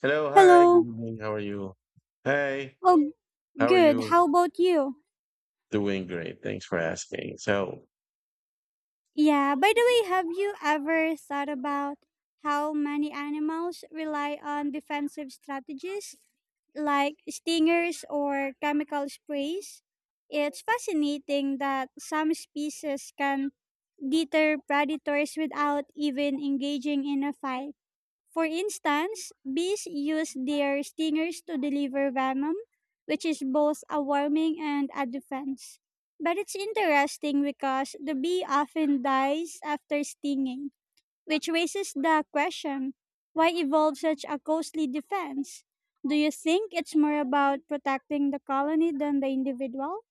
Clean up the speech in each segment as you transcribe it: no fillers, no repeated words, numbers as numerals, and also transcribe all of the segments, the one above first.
Hello, hi, good Hello. evening. How are you? Hey, Oh, how are good. you? How about you? Doing great. Thanks for asking. So Yeah, by the way, have you ever thought about how many animals rely on defensive strategies like stingers or chemical sprays? It's fascinating that some species can deter predators without even engaging in a fight. For instance, bees use their stingers to deliver venom, which is both a warming and a defense. But it's interesting because the bee often dies after stinging, which raises the question why evolve such a costly defense? Do you think it's more about protecting the colony than the individual?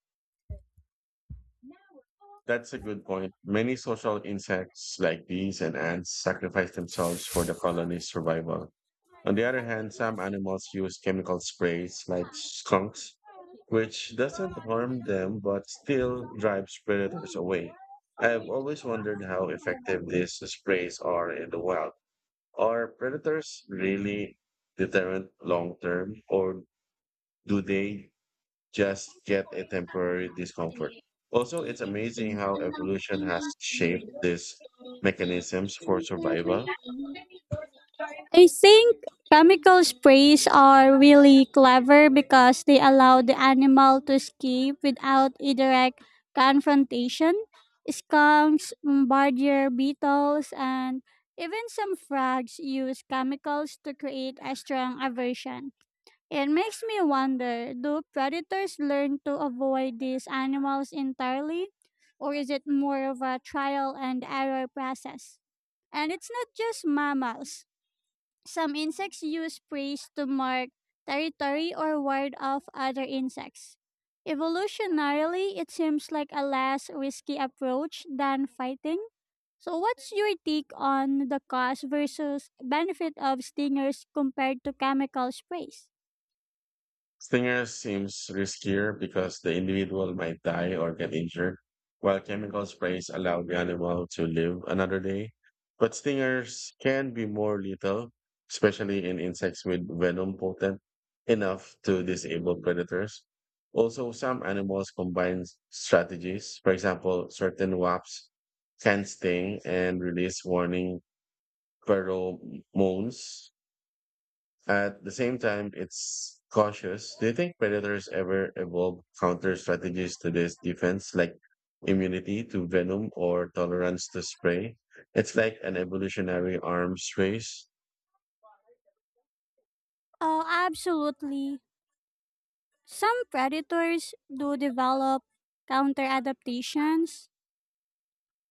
that's a good point. Many social insects like bees and ants sacrifice themselves for the colony's survival. On the other hand, some animals use chemical sprays like skunks, which doesn't harm them but still drives predators away. I've always wondered how effective these sprays are in the wild. Are predators really deterrent long term, or do they just get a temporary discomfort? Also, it's amazing how evolution has shaped these mechanisms for survival. I think chemical sprays are really clever because they allow the animal to escape without a direct confrontation. Skunks, bombardier beetles, and even some frogs use chemicals to create a strong aversion. It makes me wonder do predators learn to avoid these animals entirely, or is it more of a trial and error process? And it's not just mammals. Some insects use praise to mark territory or ward off other insects. Evolutionarily, it seems like a less risky approach than fighting. So, what's your take on the cost versus benefit of stingers compared to chemical sprays? Stinger seems riskier because the individual might die or get injured, while chemical sprays allow the animal to live another day. But stingers can be more lethal, especially in insects with venom potent enough to disable predators. Also, some animals combine strategies. For example, certain wasps can sting and release warning pheromones at the same time, it's cautious. Do you think predators ever evolve counter strategies to this defense, like immunity to venom or tolerance to spray? It's like an evolutionary arms race. Oh, absolutely. Some predators do develop counter adaptations.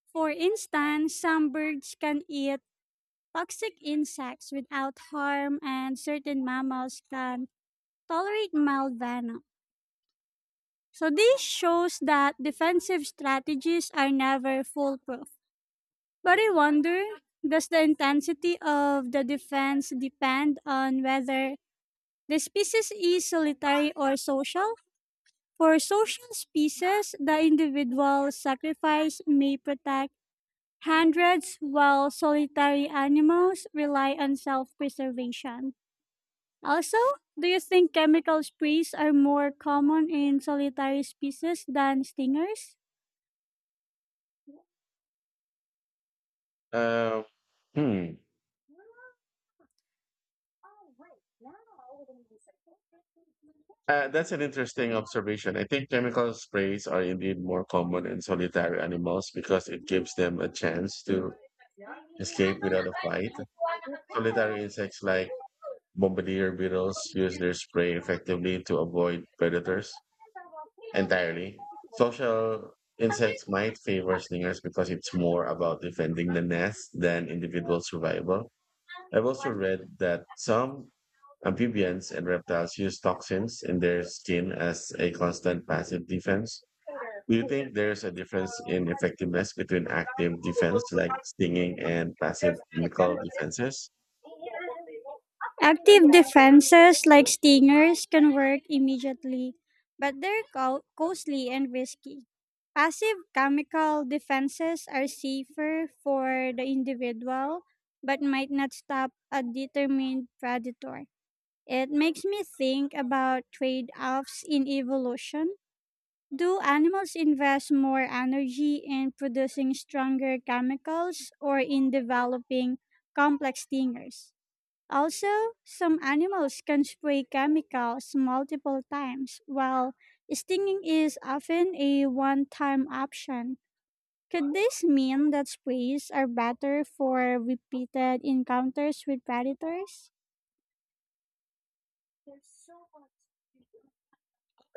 For instance, some birds can eat toxic insects without harm, and certain mammals can tolerate mild venom. So, this shows that defensive strategies are never foolproof. But I wonder does the intensity of the defense depend on whether the species is solitary or social? For social species, the individual sacrifice may protect hundreds, while solitary animals rely on self preservation. Also, do you think chemical sprays are more common in solitary species than stingers? Uh, hmm. That's an interesting observation. I think chemical sprays are indeed more common in solitary animals because it gives them a chance to escape without a fight. Solitary insects like bombardier beetles use their spray effectively to avoid predators entirely. Social insects might favor stingers because it's more about defending the nest than individual survival. I've also read that some amphibians and reptiles use toxins in their skin as a constant passive defense. Do you think there's a difference in effectiveness between active defense like stinging and passive chemical defenses? Active defenses like stingers can work immediately, but they're costly and risky. Passive chemical defenses are safer for the individual but might not stop a determined predator. It makes me think about trade offs in evolution. Do animals invest more energy in producing stronger chemicals or in developing complex stingers? Also, some animals can spray chemicals multiple times, while stinging is often a one time option. Could this mean that sprays are better for repeated encounters with predators?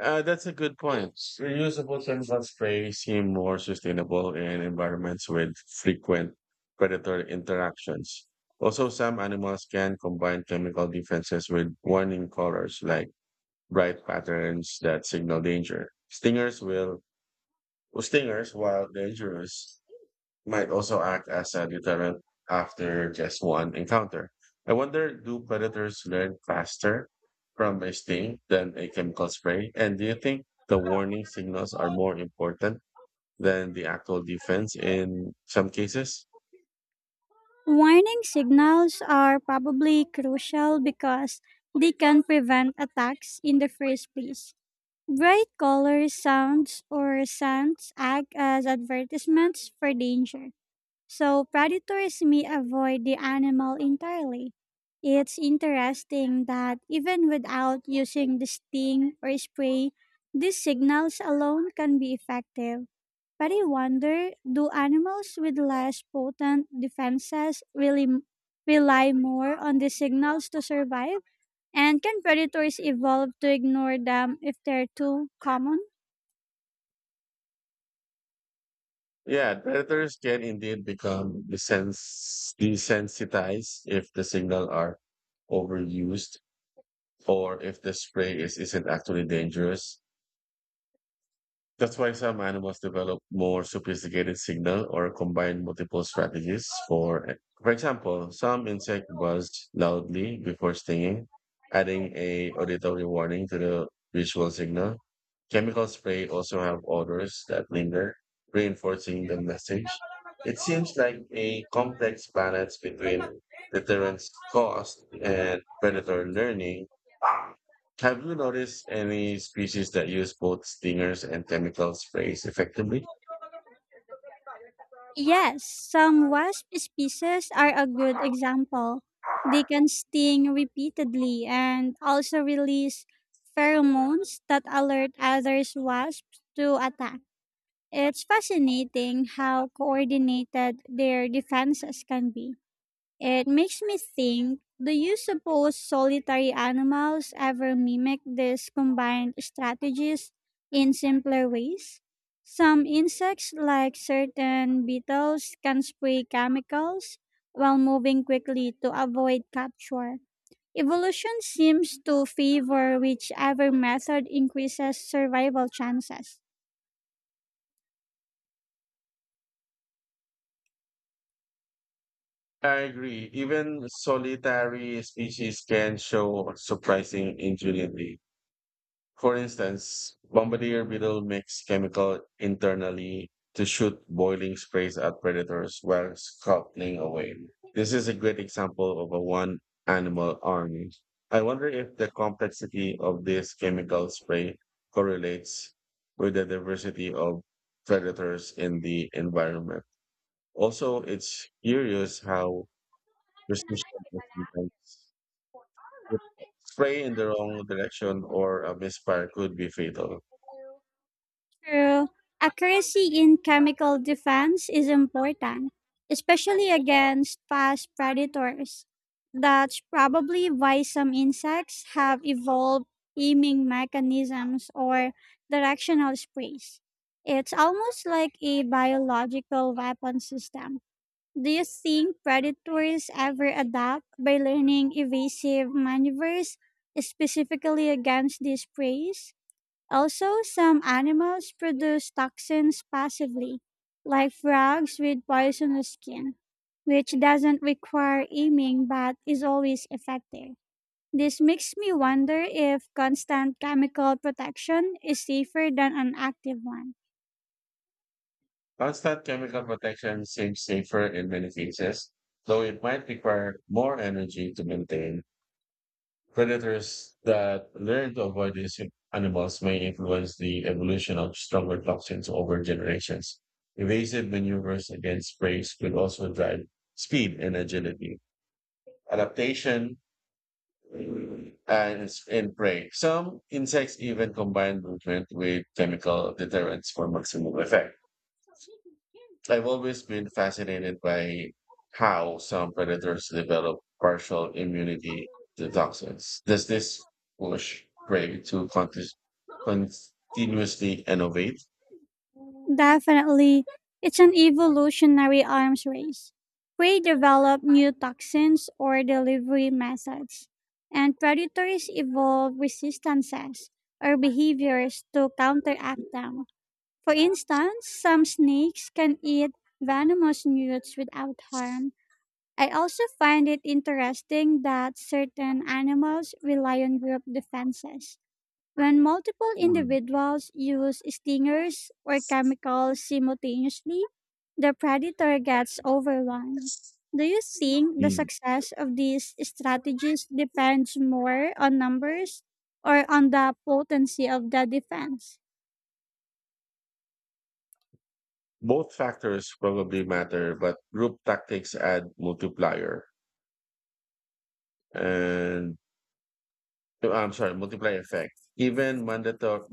That's a good point. Reusable chemical spray seem more sustainable in environments with frequent predator interactions. Also, some animals can combine chemical defenses with warning colors like bright patterns that signal danger. Stingers, while dangerous, might also act as a deterrent after just one encounter. I wonder, do predators learn faster from a sting than a chemical spray? And do you think the warning signals are more important than the actual defense in some cases? Warning signals are probably crucial because they can prevent attacks in the first place. Bright colors, sounds, or scents act as advertisements for danger. So predators may avoid the animal entirely. It's interesting that even without using the sting or spray, these signals alone can be effective. But I wonder do animals with less potent defenses really rely more on the signals to survive? And can predators evolve to ignore them if they're too common? Yeah, predators can indeed become desensitized if the signal are overused or if the spray isn't actually dangerous. That's why some animals develop more sophisticated signal or combine multiple strategies. For example, some insect buzz loudly before stinging, adding a auditory warning to the visual signal. Chemical spray also have odors that linger, reinforcing the message. It seems like a complex balance between deterrence cost and predator learning. Have you noticed any species that use both stingers and chemical sprays effectively? Yes, some wasp species are a good example. They can sting repeatedly and also release pheromones that alert other wasps to attack. It's fascinating how coordinated their defenses can be. It makes me think do you suppose solitary animals ever mimic these combined strategies in simpler ways? Some insects, like certain beetles, can spray chemicals while moving quickly to avoid capture. Evolution seems to favor whichever method increases survival chances. I agree. Even solitary species can show surprising ingenuity. For instance, bombardier beetle makes chemical internally to shoot boiling sprays at predators while scuttling away. This is a great example of a one animal army. I wonder if the complexity of this chemical spray correlates with the diversity of predators in the environment. Also, it's curious how precision is sometimes critical. Spray in the wrong direction or a misfire could be fatal. True. Accuracy in chemical defense is important, especially against fast predators. That's probably why some insects have evolved aiming mechanisms or directional sprays. It's almost like a biological weapon system. Do you think predators ever adapt by learning evasive maneuvers specifically against these preys? Also, some animals produce toxins passively, like frogs with poisonous skin, which doesn't require aiming but is always effective. This makes me wonder if constant chemical protection is safer than an active one. Constant chemical protection seems safer in many cases, though it might require more energy to maintain. Predators that learn to avoid these animals may influence the evolution of stronger toxins over generations. Evasive maneuvers against preys could also drive speed and agility. Adaptation and in prey. Some insects even combine movement with chemical deterrents for maximum effect. I've always been fascinated by how some predators develop partial immunity to toxins. Does this push prey to continuously innovate? Definitely, it's an evolutionary arms race. Prey develop new toxins or delivery methods, and predators evolve resistances or behaviors to counteract them. For instance, some snakes can eat venomous newts without harm. I also find it interesting that certain animals rely on group defenses when multiple Hmm. individuals use stingers or chemicals simultaneously, the predator gets overwhelmed. Do you think the Mm. success of these strategies depends more on numbers or on the potency of the defense? Both factors probably matter, but group tactics add multiplier. And I'm sorry, multiply effect. Even mandatory,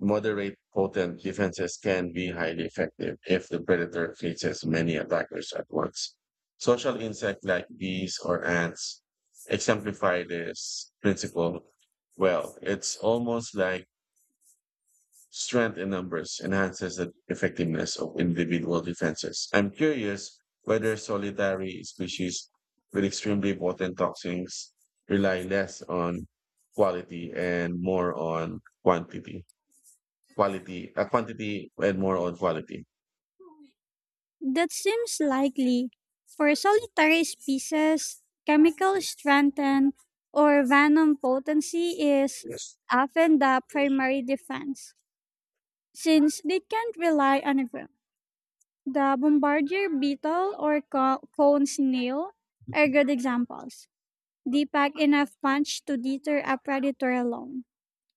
moderate potent defenses can be highly effective if the predator faces many attackers at once. Social insects like bees or ants exemplify this principle well. It's almost like strength in numbers enhances the effectiveness of individual defenses. I'm curious whether solitary species with extremely potent toxins rely less on quality and more on quantity. Quantity and more on quality. That seems likely. For solitary species, chemical strength and- or venom potency is Yes. often the primary defense, since they can't rely on a The bombardier beetle or cone snail are good examples. They pack enough punch to deter a predator alone.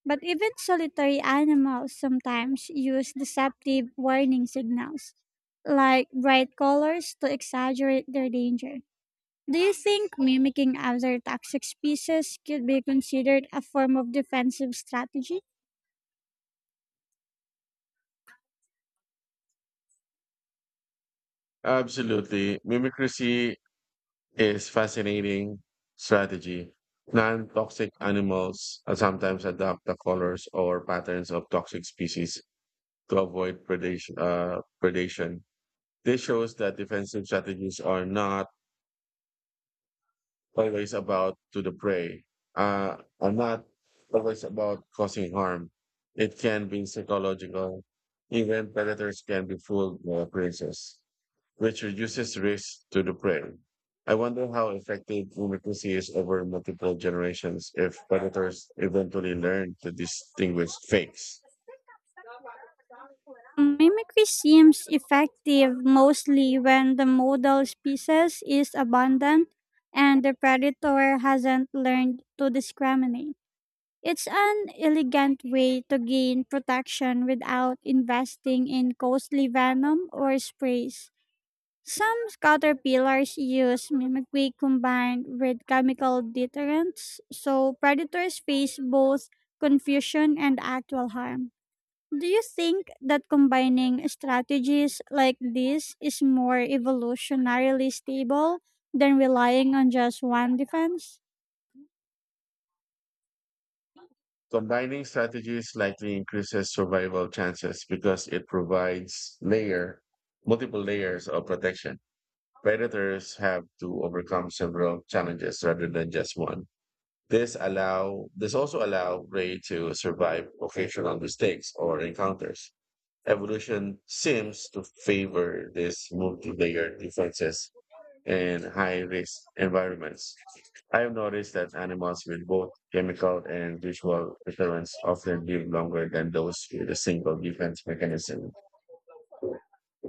But even solitary animals sometimes use deceptive warning signals, like bright colors, to exaggerate their danger. Do you think mimicking other toxic species could be considered a form of defensive strategy? Absolutely. Mimicry is fascinating strategy. Non-toxic animals sometimes adopt the colors or patterns of toxic species to avoid predation. This shows that defensive strategies are not always about to the prey, are not always about causing harm. It can be psychological. Even predators can be fooled by appearances, which reduces risk to the prey. I wonder how effective democracy is over multiple generations if predators eventually learn to distinguish fakes. Mimicry seems effective mostly when the model species is abundant and the predator hasn't learned to discriminate. It's an elegant way to gain protection without investing in costly venom or sprays. Some caterpillars use mimicry combined with chemical deterrents, so predators face both confusion and actual harm. Do you think that combining strategies like this is more evolutionarily stable than relying on just one defense? Combining strategies likely increases survival chances because it provides multiple layers of protection. Predators have to overcome several challenges rather than just one. This also allow prey to survive occasional mistakes or encounters. Evolution seems to favor this multi-layered defenses in high risk environments. I have noticed that animals with both chemical and visual deterrence often live longer than those with a single defense mechanism.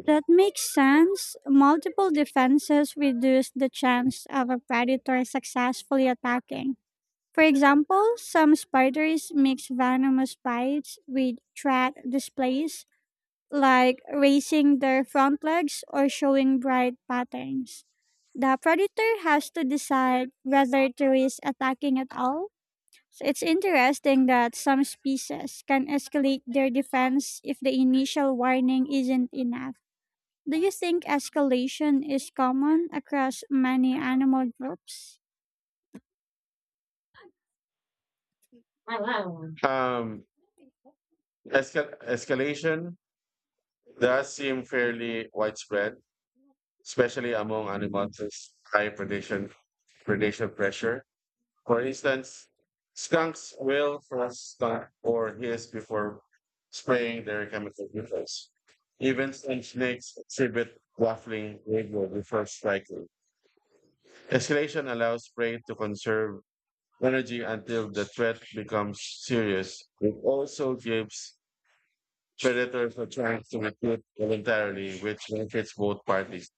That makes sense. Multiple defenses reduce the chance of a predator successfully attacking. For example, some spiders mix venomous bites with threat displays like raising their front legs or showing bright patterns. The predator has to decide whether to risk attacking at all. So it's interesting that some species can escalate their defense if the initial warning isn't enough. Do you think escalation is common across many animal groups? Um, Escalation does seem fairly widespread, especially among animals with high predation, predation pressure. For instance, skunks will frost skunk or hiss before spraying their chemical weapons. Even some snakes exhibit waffling behavior before striking. Escalation allows prey to conserve energy until the threat becomes serious. It also gives predators a chance to retreat voluntarily, which benefits both parties.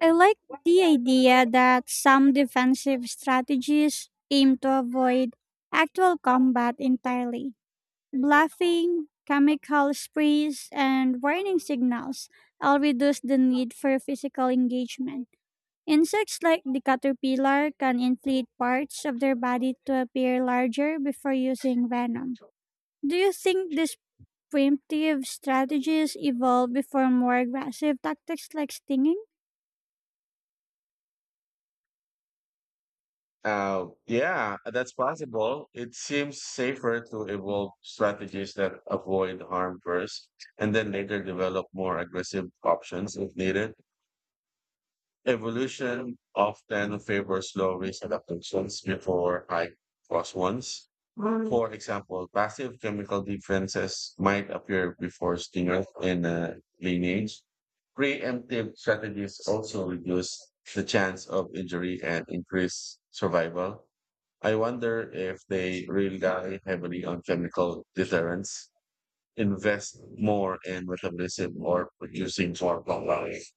I like the idea that some defensive strategies aim to avoid actual combat entirely. Bluffing, chemical sprays, and warning signals all reduce the need for physical engagement. Insects like the caterpillar can inflate parts of their body to appear larger before using venom. Do you think these primitive strategies evolved before more aggressive tactics like stinging? Yeah, that's possible. It seems safer to evolve strategies that avoid harm first and then later develop more aggressive options if needed. Evolution often favors slow, risk adaptations before high cost ones. For example, passive chemical defenses might appear before stingers in a lineage. Preemptive strategies also reduce the chance of injury and increase survival. I wonder if they really rely heavily on chemical deterrence, invest more in metabolism or producing more compounds.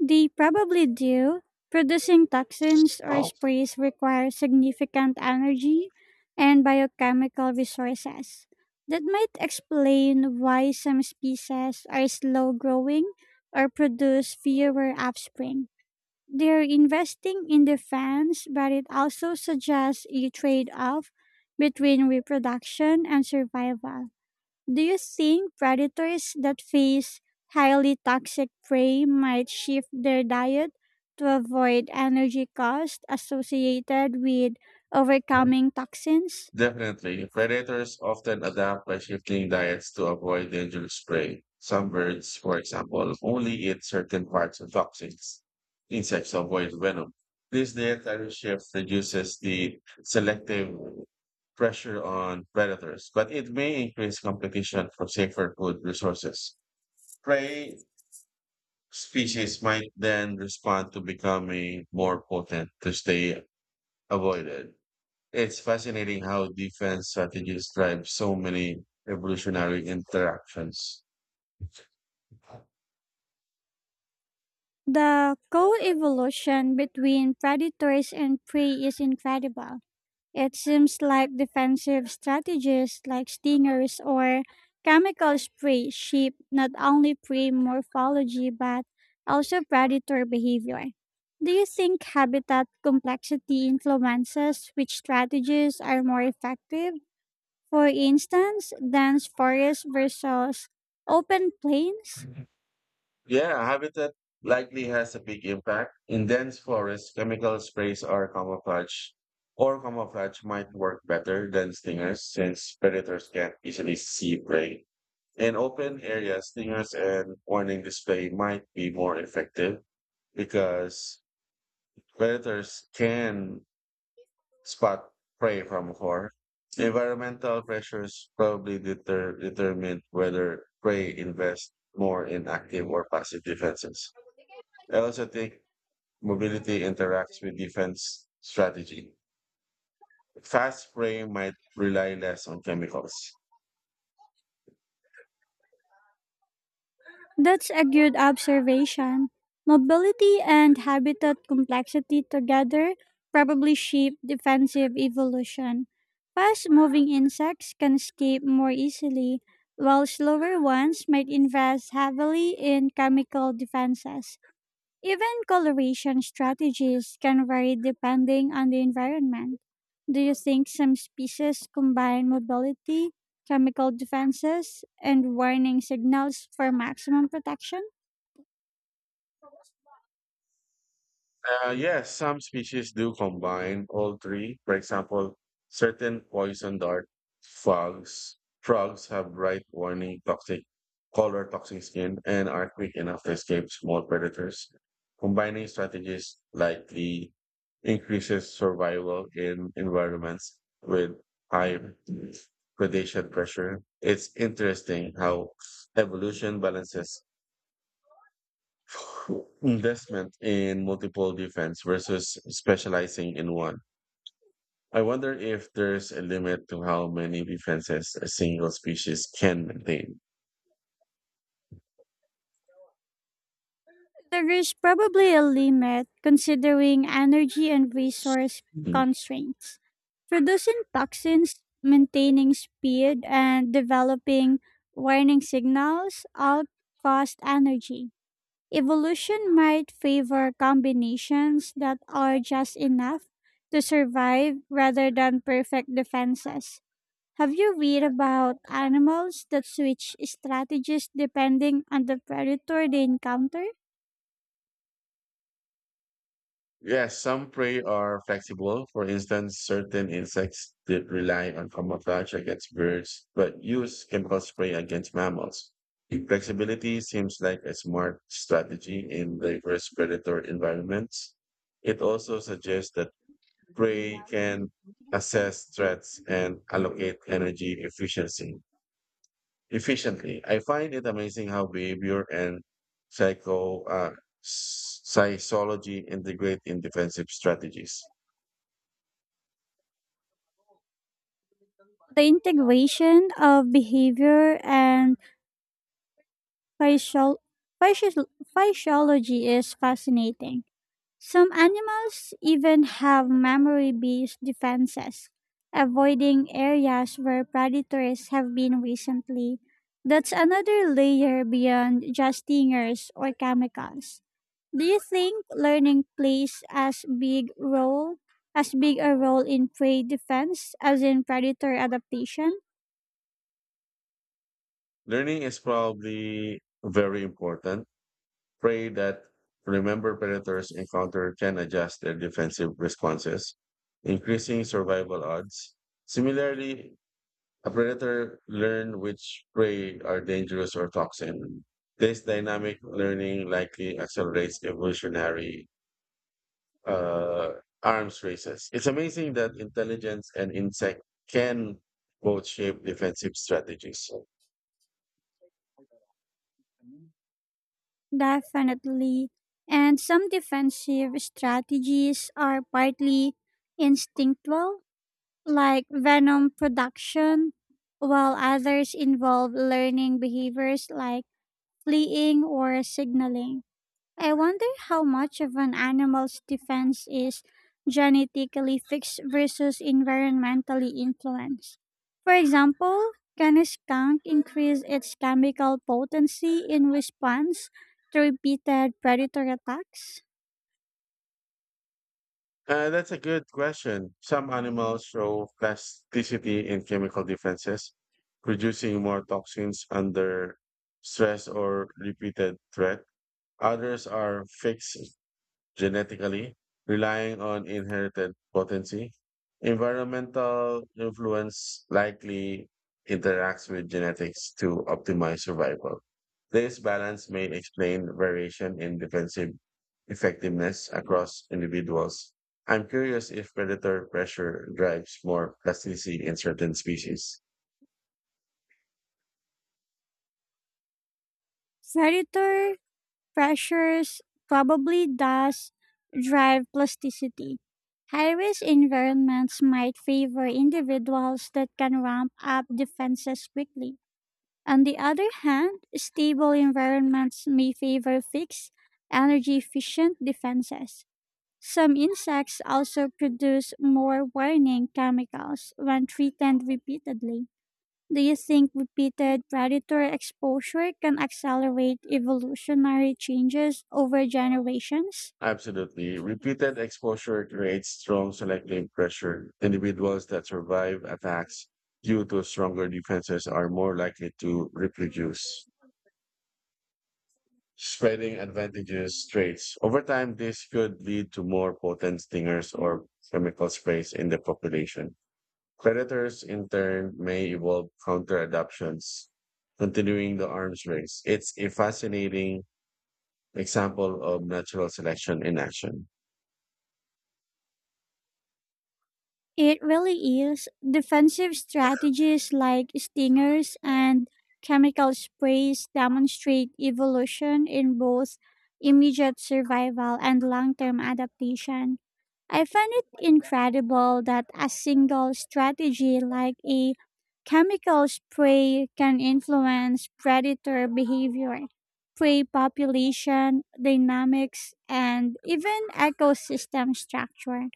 They probably do. Producing toxins or sprays requires significant energy and biochemical resources. That might explain why some species are slow growing or produce fewer offspring. They're investing in defense, but it also suggests a trade off between reproduction and survival. Do you think predators that face highly toxic prey might shift their diet to avoid energy costs associated with overcoming toxins? Definitely, predators often adapt by shifting diets to avoid dangerous prey. Some birds, for example, only eat certain parts of toxins. Insects avoid venom. This dietary shift reduces the selective pressure on predators, but it may increase competition for safer food resources. Prey species might then respond to becoming more potent to stay avoided. It's fascinating how defense strategies drive so many evolutionary interactions. The co evolution between predators and prey is incredible. It seems like defensive strategies like stingers or chemical spray shape not only prey morphology but also predator behavior. Do you think habitat complexity influences which strategies are more effective? For instance, dense forests versus open plains? Yeah, habitat likely has a big impact. In dense forests, chemical sprays are camouflage, or camouflage might work better than stingers since predators can't easily see prey. In open areas, stingers and warning display might be more effective because predators can spot prey from afar. Environmental pressures determine whether prey invest more in active or passive defenses. I also think mobility interacts with defense strategy. Fast prey might rely less on chemicals. That's a good observation. Mobility and habitat complexity together probably shape defensive evolution. Fast moving insects can escape more easily, while slower ones might invest heavily in chemical defenses. Even coloration strategies can vary depending on the environment. Do you think some species combine mobility, chemical defenses, and warning signals for maximum protection? Yes, some species do combine all three. For example, certain poison dart frogs have bright toxic skin, and are quick enough to escape small predators. Combining strategies likely increases survival in environments with high predation pressure. It's interesting how evolution balances investment in multiple defense versus specializing in one. I wonder if there's a limit to how many defenses a single species can maintain. There is probably a limit considering energy and resource Mm. constraints. Producing toxins, maintaining speed, and developing warning signals all cost energy. Evolution might favor combinations that are just enough to survive rather than perfect defenses. Have you read about animals that switch strategies depending on the predator they encounter? Yes, some prey are flexible. For instance, certain insects that rely on camouflage against birds, but use chemical spray against mammals. Flexibility seems like a smart strategy in diverse predator environments. It also suggests that prey can assess threats and allocate energy efficiency efficiently. I find it amazing how behavior and psycho uh, psychology integrate in defensive strategies. The integration of behavior and physiol- physiology is fascinating. Some animals even have memory based defenses, avoiding areas where predators have been recently. That's another layer beyond just stingers or chemicals. Do you think learning plays as big a role in prey defense as in predator adaptation? Learning is probably very important. Prey that remember predators encounter can adjust their defensive responses, increasing survival odds. Similarly, a predator learn which prey are dangerous or toxic. This dynamic learning likely accelerates evolutionary arms races. It's amazing that intelligence and insect can both shape defensive strategies. Definitely. And some defensive strategies are partly instinctual like venom production, while others involve learning behaviors like fleeing or signaling. I wonder how much of an animal's defense is genetically fixed versus environmentally influenced. For example, can a skunk increase its chemical potency in response to repeated predator attacks? That's a good question. Some animals show plasticity in chemical defenses, producing more toxins under stress or repeated threat. Others are fixed genetically, relying on inherited potency. Environmental influence likely interacts with genetics to optimize survival. This balance may explain variation in defensive effectiveness across individuals. I'm curious if predator pressure drives more plasticity in certain species. Predator pressures probably does drive plasticity. High risk environments might favor individuals that can ramp up defenses quickly. On the other hand, stable environments may favor fixed, energy efficient defenses. Some insects also produce more warning chemicals when threatened repeatedly. Do you think repeated predator exposure can accelerate evolutionary changes over generations? Absolutely. Repeated exposure creates strong selective pressure. Individuals that survive attacks due to stronger defenses are more likely to reproduce, spreading advantageous traits. Over time, this could lead to more potent stingers or chemical sprays in the population. Predators, in turn, may evolve counter adoptions, continuing the arms race. It's a fascinating example of natural selection in action. It really is. Defensive strategies like stingers and chemical sprays demonstrate evolution in both immediate survival and long term adaptation. I find it incredible that a single strategy like a chemical spray can influence predator behavior, prey population dynamics, and even ecosystem structure.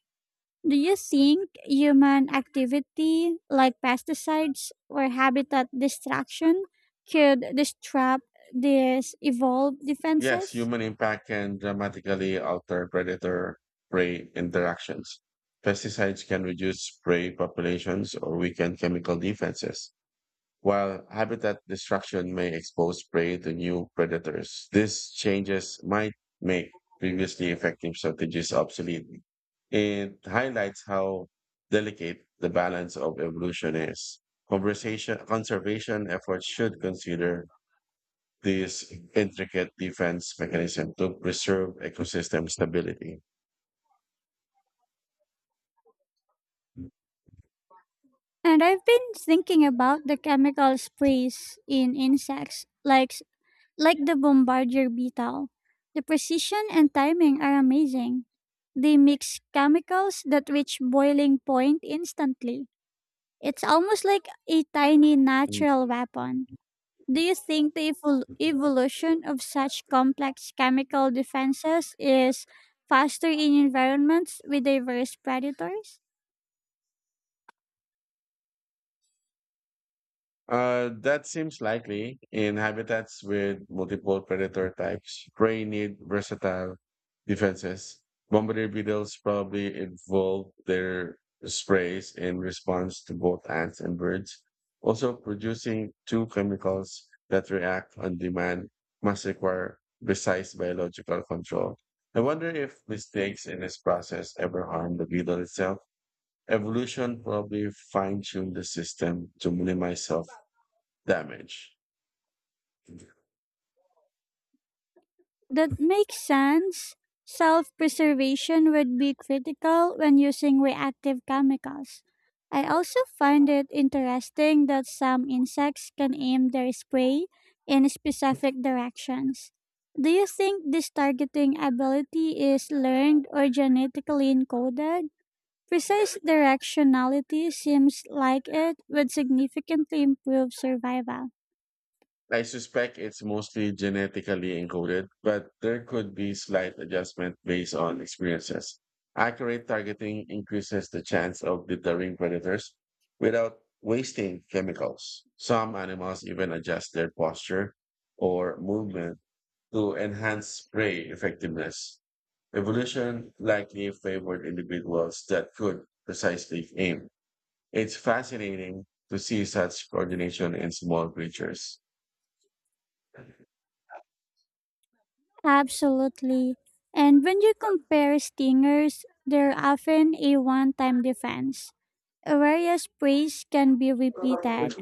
Do you think human activity like pesticides or habitat destruction could disrupt these evolved Yes, defenses? human impact can dramatically alter predator prey interactions. Pesticides can reduce prey populations or weaken chemical defenses, while habitat destruction may expose prey to new predators. These changes might make previously effective strategies obsolete. It highlights how delicate the balance of evolution is. Conservation efforts should consider this intricate defense mechanism to preserve ecosystem stability. And I've been thinking about the chemical sprays in insects, like the bombardier beetle. The precision and timing are amazing. They mix chemicals that reach boiling point instantly. It's almost like a tiny Hmm. natural weapon. Do you think the evolution of such complex chemical defenses is faster in environments with diverse predators? That seems likely in habitats with multiple predator types. Prey need versatile defenses. Bombardier beetles probably evolved their sprays in response to both ants and birds. Also, producing two chemicals that react on demand must require precise biological control. I wonder if mistakes in this process ever harm the beetle itself. Evolution probably fine-tuned the system to minimize self damage. That makes sense. Self preservation would be critical when using reactive chemicals. I also find it interesting that some insects can aim their spray in specific directions. Do you think this targeting ability is learned or genetically encoded? Precise directionality seems like it would significantly improve survival. I suspect it's mostly genetically encoded, but there could be slight adjustment based on experiences. Accurate targeting increases the chance of deterring predators without wasting chemicals. Some animals even adjust their posture or movement to enhance prey effectiveness. Evolution likely favored individuals that could precisely aim. It's fascinating to see such coordination in small creatures. Absolutely. And when you compare stingers, they're often a one time defense, whereas sprays can be repeated.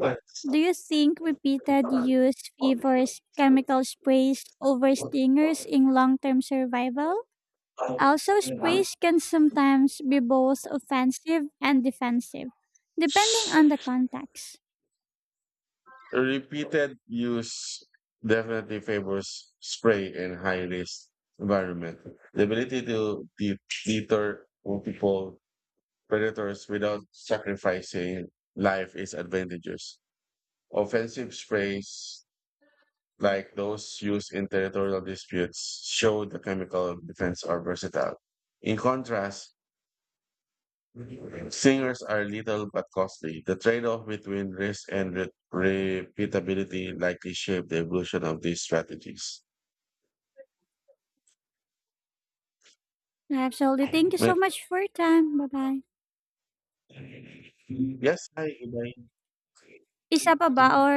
Do you think repeated use favors chemical sprays over stingers in long term survival? Also, sprays can sometimes be both offensive and defensive, depending on the context. Repeated use definitely favors spray in high risk environment. The ability to deter multiple predators without sacrificing life is advantageous. Offensive sprays like those used in territorial disputes show the chemical defense are versatile. In contrast, Singers are little but costly. The trade-off between risk and repeatability likely shaped the evolution of these strategies. Absolutely. Thank you so But- much for your time. Bye bye. yes, hi, Ibai. Isa pa ba or